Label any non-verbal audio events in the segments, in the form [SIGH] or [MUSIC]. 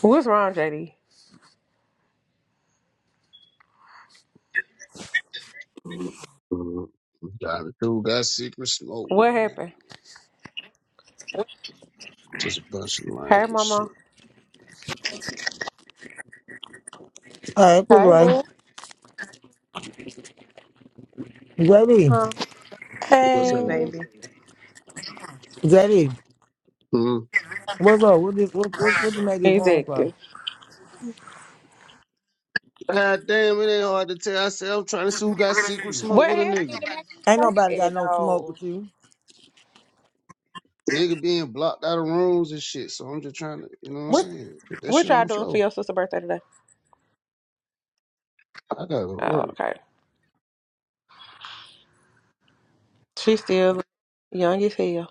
What's wrong, JD? Mhm. Got it. Dude, that secret smoke with What a nigga. happened? Just a bunch of lying Hey, shit. mama. All right, put it Hey, right. boy. Zaddy, Huh? What's Hey, Hey, baby. happening? Zaddy, Hmm. what's up? What this? What what what you make this room for? Exactly. God damn, it ain't hard to tell. I said I'm trying to see who got secret smoke What with a nigga. happened to make Ain't you nobody say got that? no smoke No. with you. Nigga being blocked out of rooms and shit. So I'm just trying to, you know what I'm saying? Put that What shit on y'all the doing for floor. your sister's birthday today? I gotta go to Oh, work. okay. She's still young as hell.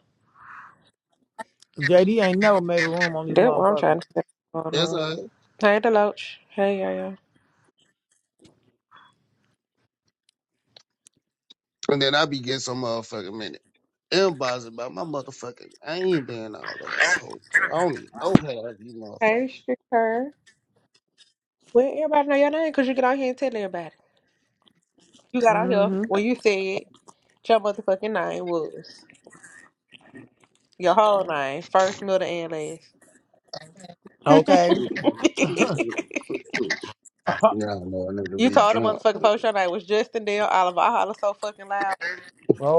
JD ain't never made a room on this That's what I'm motherfucker. trying to say. Hold That's on. all right. Hey, Deloach. Hey, yo, yo. And then I be getting some motherfucking minute. Inbox about my motherfucking. I ain't been all over that whole. I don't even know how Hey, Shakur. Well, everybody know your name because you get out here and tell everybody. You got out here Mm-hmm. when you said your motherfucking name was your whole name, first, middle, and Okay. you last. [LAUGHS] [LAUGHS] motherfuckers. [LAUGHS] Yeah, I know a nigga You be told a drunk. motherfucking post your name was Justin Dale Oliver. I holler so fucking loud.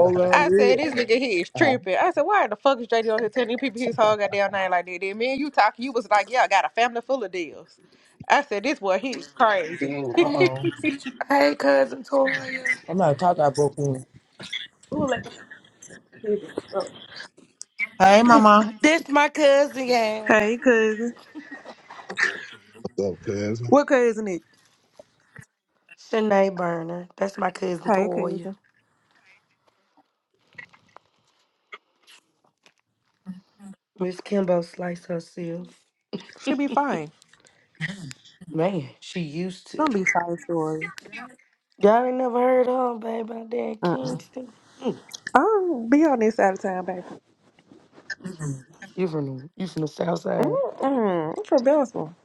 [LAUGHS] damn I said, good. this nigga here is tripping. I said, why the fuck is JD on here telling you people his whole goddamn name like that? Then me and you talking, you was like, yeah, I got a family full of deals. I said, this boy, he is crazy. Mm. Uh hey, oh. hey, cousin Toya. I'm not talking about booking. Ooh, let me see this. Oh. Hey, This, mama. this my cousin, yeah. Hey, cousin. What's up, cuz? What cousin is? Shanae Burner. That's my cousin Hey, Toya. cousin. Miss Kimbo slice herself. She be fine. Man, she used Don't to. be sorry for it. Y'all ain't never heard of her, baby, out there in Mm-mm. Kingston. Mm, I don't be on this side of town, baby. you from the you from the South Side? Mm-mm. I'm from Belgium.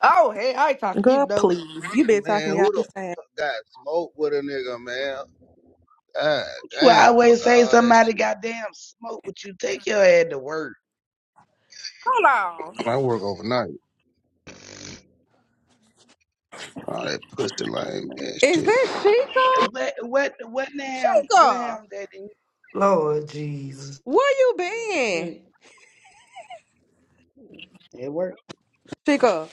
Oh, hey, I ain't talking to you Girl, no more. please. You been man, talking to me all who the this time. fuck got smoke with a nigga, man? God Well, I damn, fuck always say all that somebody shit. goddamn smoke with you. Take your head to work. Hold on. I work overnight. All that pussy lame ass Is shit, man. that Chica? What what what now? What Chica, happened that you Lord Jesus. where you been? at work? Chica,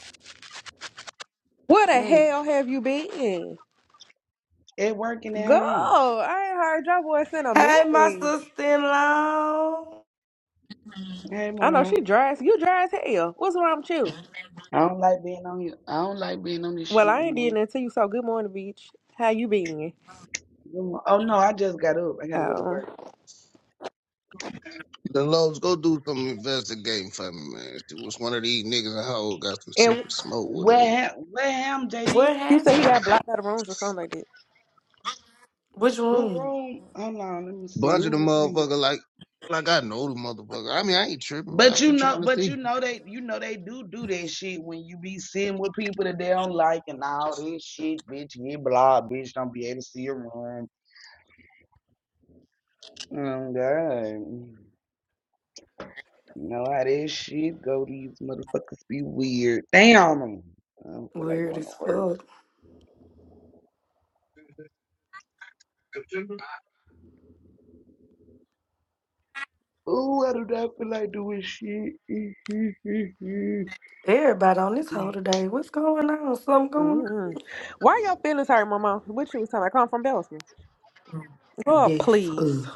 where the Mm. hell have you been? At work Go! at home. I ain't heard your voice in a Hey, my minute. sister-in-law. Hey I know mama. she dry. as- You dry as hell. What's wrong with you? I don't like being on you. I don't like being on this Well, shit I no ain't more. did nothing to you. So good morning, bitch. How you been? Mm, Oh no, I just got up. I gotta go to Oh, work. The Lobes, go do some investigating for me, man. See what's one of these niggas and hoe got some and secret smoke with a Where nigga. hap- where am JD? What he said he happened? got blocked out of rooms or something like that. Which Who room? room? Hold on, let me see. Bunch of the Who room? motherfucker like like I know the motherfucker. I mean I ain't tripping. But I'm you just know, trying to but see. you know they, you know they do do that shit when you be sitting with people that they don't like and all this shit, bitch. Get blocked, bitch. Don't be able to see a room. Oh God, you know how this shit go. These motherfuckers be weird. Damn, I don't feel like Weird going to as work. fuck. Ooh, I do not feel like doing shit. [LAUGHS] Everybody on this whole today, what's going on? Something going on? mm Why your feelings hurt, Mama? What you was talking? I come from Bellsman. Oh, Yes, please. uh,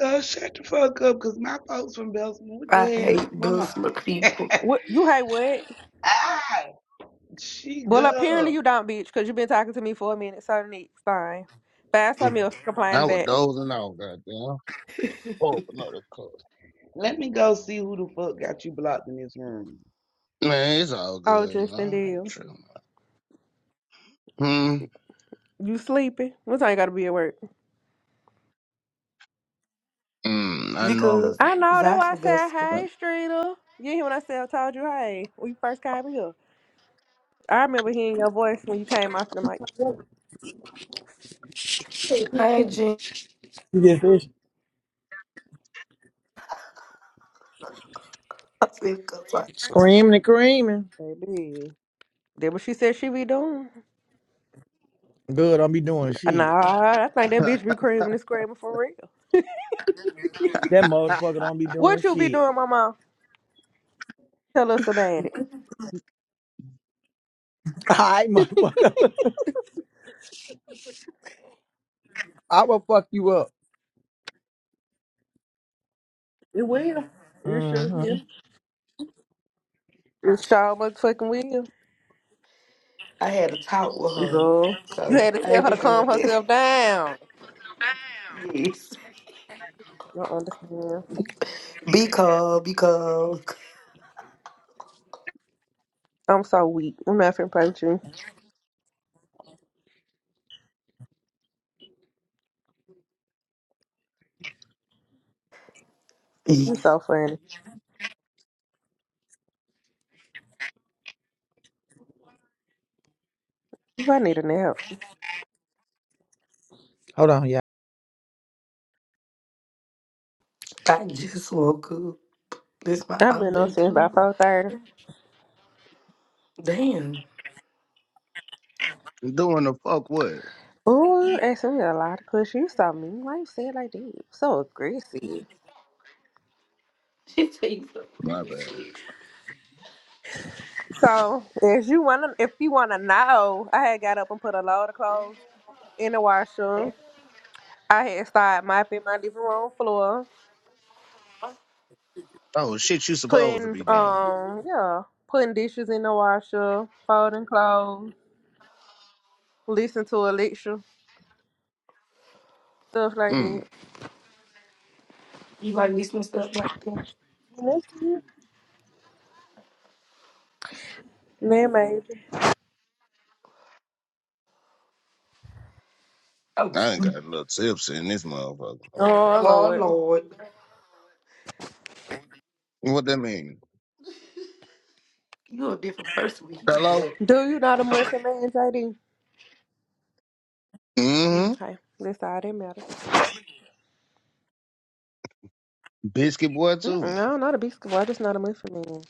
God, shut the fuck up, cause my folks from Belsman, I Damn, hate mama? Belsma people What you hate? What? Ah, she Well, go. apparently you don't, bitch, because you've been talking to me for a minute, so it's fine. Find Mm. something else to I complain was back. dozing off, goddamn. Pull up another cup. Let me go see who the fuck got you blocked in this room. Man, it's all Oh, good, Justin man. That's Deal. true. Hmm. You sleepy? What time you gotta be at work? Mm, I normally because I know, that's why I Zypher said, Belsma. hey, Streeter. You hear what I said? I told you, hey, when you first came here. I remember hearing your voice when you came off the mic. Hey, Jen. You just fish. I said, 'cause I Screaming and creaming. Baby. That what she said she be doing? Good, don't be doing shit. Nah, I think that bitch be creaming and screaming for real. That motherfucker don't be doing What you be shit. doing, mama? Tell us about it. [LAUGHS] All right, motherfucker. [LAUGHS] I will fuck you up. It will. It sure will. Mm-hmm. It sure motherfucking will. I had a talk with her. Girl, you So had to I tell ain't her to been doing calm this. herself down. Yes. I understand. Because, because I'm so weak. I'm not finna play with you. You yeah, so funny. If I need a nap. Hold on, y'all. I just woke up. This my I've been on update since about too. four thirty. Damn. doing the fuck what? Ooh, you asking me a lot of questions. You so mean. Why you say it like that? So aggressive. She tell you My bad. something. So if you wanna, if you wanna know, I had got up and put a load of clothes in the washer. I had started mopping my living room floor, Oh shit, you supposed to putting be doing. um, yeah, putting dishes in the washer, folding clothes. Listen to Alexa, stuff like Hmm. that. You like listening to stuff like that? Listen, man major. Oh, I ain't sleep. got a little tipsy in this motherfucker. Oh I Oh, love it. Lord. What that mean? You a different person when you drunk. Hello. do you not a Muslim man, JD? Hmm. Okay, that's all that matters. Biscuit boy too. Mm-mm, no, not a beast boy. I just not a Muslim man.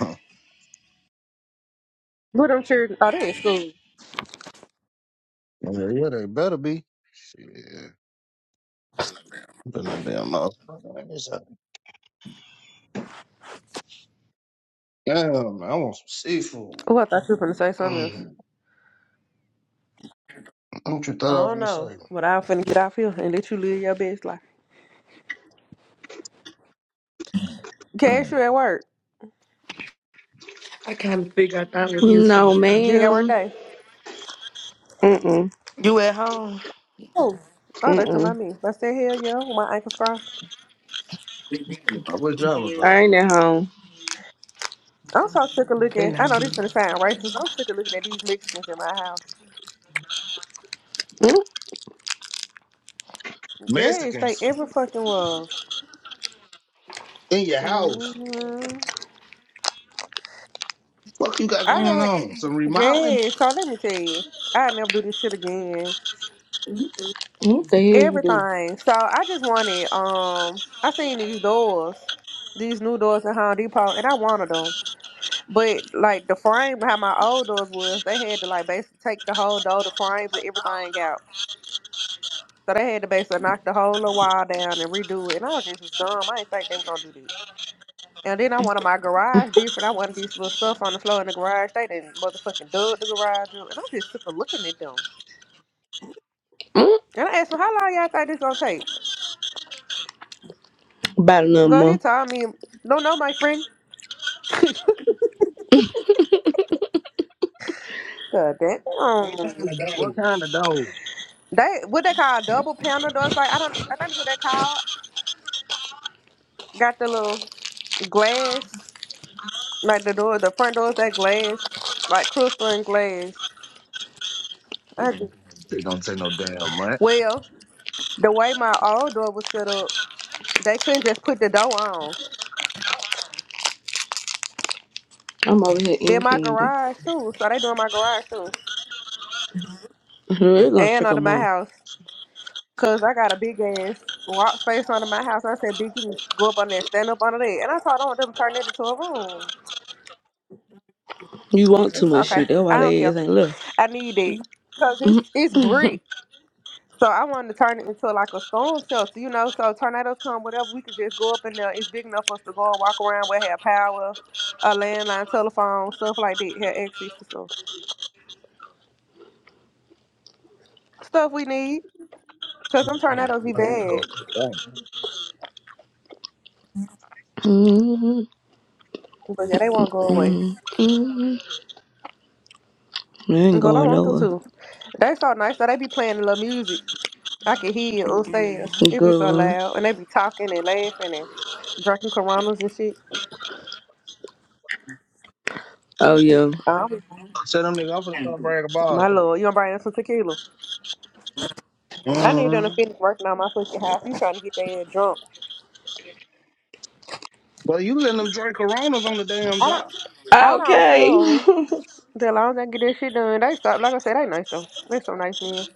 Huh. But I'm sure. Oh, they in school. Yeah, yeah, they better be. Shit. Better not be a motherfucker. in this house. Damn, man, I want some seafood. Oh, I thought you were gonna say something else. Mm. What you I thought I was don't gonna know, say? but I'm finna get off here and let you live your best life. Cash Mm. you at work. I kind of figured I thought it was No, useful. You ain't got work ma'am. day. Mm-mm. You at home? Oh, oh, that's to my Mm-mm. me. I said hell yeah, with my ankles crossed. I wish I was I all ain't at home. I'm so sick of Better looking. I not know be. this finna sound racist, but I'm sick of looking at these Mexicans in my house. Mm, Yes, they Mexicans ever fucking was. in your house. hmm Fuck you got I going had, on? Some remodeling? yes, so let me tell you, I never do this shit again. What the hell you do? Everything. So I just wanted, um, I seen these doors, these new doors in Home Depot, and I wanted them. But like the frame behind my old doors was, they had to like basically take the whole door, the frames and everything out. So they had to basically knock the whole little wall down and redo it. And I was just was dumb. I didn't think they were gonna do that. And then I [LAUGHS] wanted my garage different. I wanted these little stuff on the floor in the garage. They didn't motherfucking dug the garage up. And I'm just sick of looking at them. Mm, And I asked him, how long y'all think this gonna take? About another Girl, he month. told me, don't know, my friend. [LAUGHS] God damn. What kind of dogs? They, what they call double panel doors? Like, I don't, I think that's what they call. Got the little glass, like the door, the front doors, that glass, like crystal and glass. I just, They don't say no damn man. well, the way my old door was set up, they couldn't just put the door on. I'm over here eating Did my candy. garage too. So they doing my garage too. They're gonna And trick a under my month. house. Cause I got a big ass walk space under my house. I said, Big, you can go up on there, stand up under there. And I told them them turn it into a room. You want too It's much okay. shit. That's I why don't they care. ass ain't left. I need it. Cause it's it's brick. So I wanted to turn it into like a storm shelter, you know. So tornadoes come, whatever, we could just go up in there. It's big enough for us to go and walk around. We have power, a landline, telephone, stuff like that. Have access to stuff, stuff we need. Cause them tornadoes be I need to bad. go to the bank. Mm-hmm. But yeah, they won't go away. Mm-hmm. Mm-hmm. ain't Girl, I going want them nowhere. to. They so nice. So they be playing a little music. I can hear it upstairs. We It be so Good. loud. And they be talking and laughing and drinking coronas and shit. Oh, yeah. I was, I said them niggas, I'm gonna come bring a ball my through. lord, you gonna bring them some tequila. I need them to Mm-hmm. finish working on my fucking house. You trying to get their ass drunk. Well, you letting them drink Coronas on the damn I job. don't I don't Okay. [LAUGHS] care. The long as I get this shit done, they stop. Like I said, they nice though. They so nice men.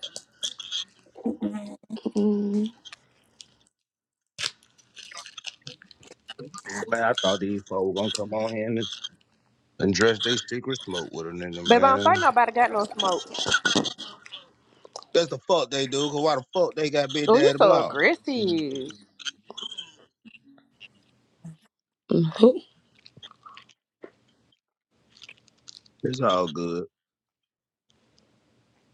Mhm. Man, I thought these folks were gonna come on here and, and dress their secret smoke with a nigga, Babe, I don't think man. nobody got no smoke. That's the fuck they do, cause why the fuck they got Big Oh, you Daddy so Block? aggressive. You Mhm. It's all good.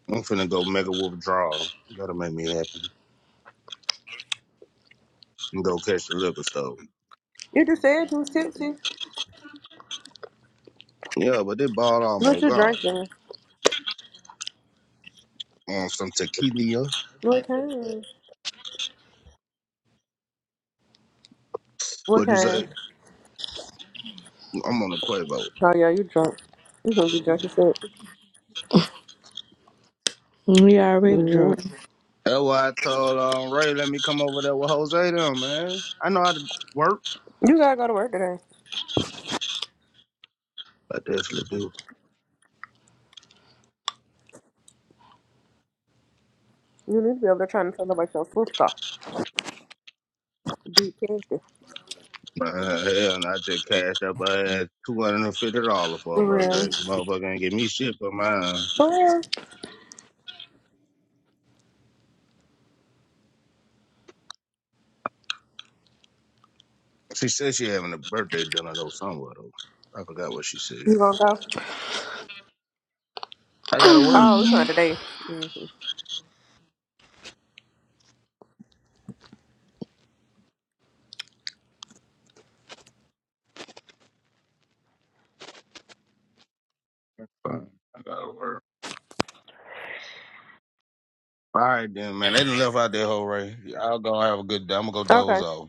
I'm finna go make a withdrawal. That'll make me happy. And go catch the liquor store. just said you was tipsy. Yeah, but they ball What almost you gone. drinking? On some tequila. What kind? What What'd you kind? say? I'm on the Quavo. Oh yeah, you drunk. You gonna be drunk as shit. We already hmm drunk. That's why I told um, Ray, let me come over there with Jose them, man. I know how to work. You gotta go to work today. I definitely do. You need to be over there trying to tell about your sister. Be careful. Man, hell, and I just cashed up uh, $250 for her For real. birthday. Motherfucker ain't give me shit for mine. For real. She said she having a birthday dinner though somewhere though. I forgot what she said. You gonna go? I gotta work. Oh, it's [CLEARS THROAT] not today. hmm Fine. I gotta work. All right then, man. They done left out there, whole Ray. I'll go have a good day. I'm gonna go Okay. doze off.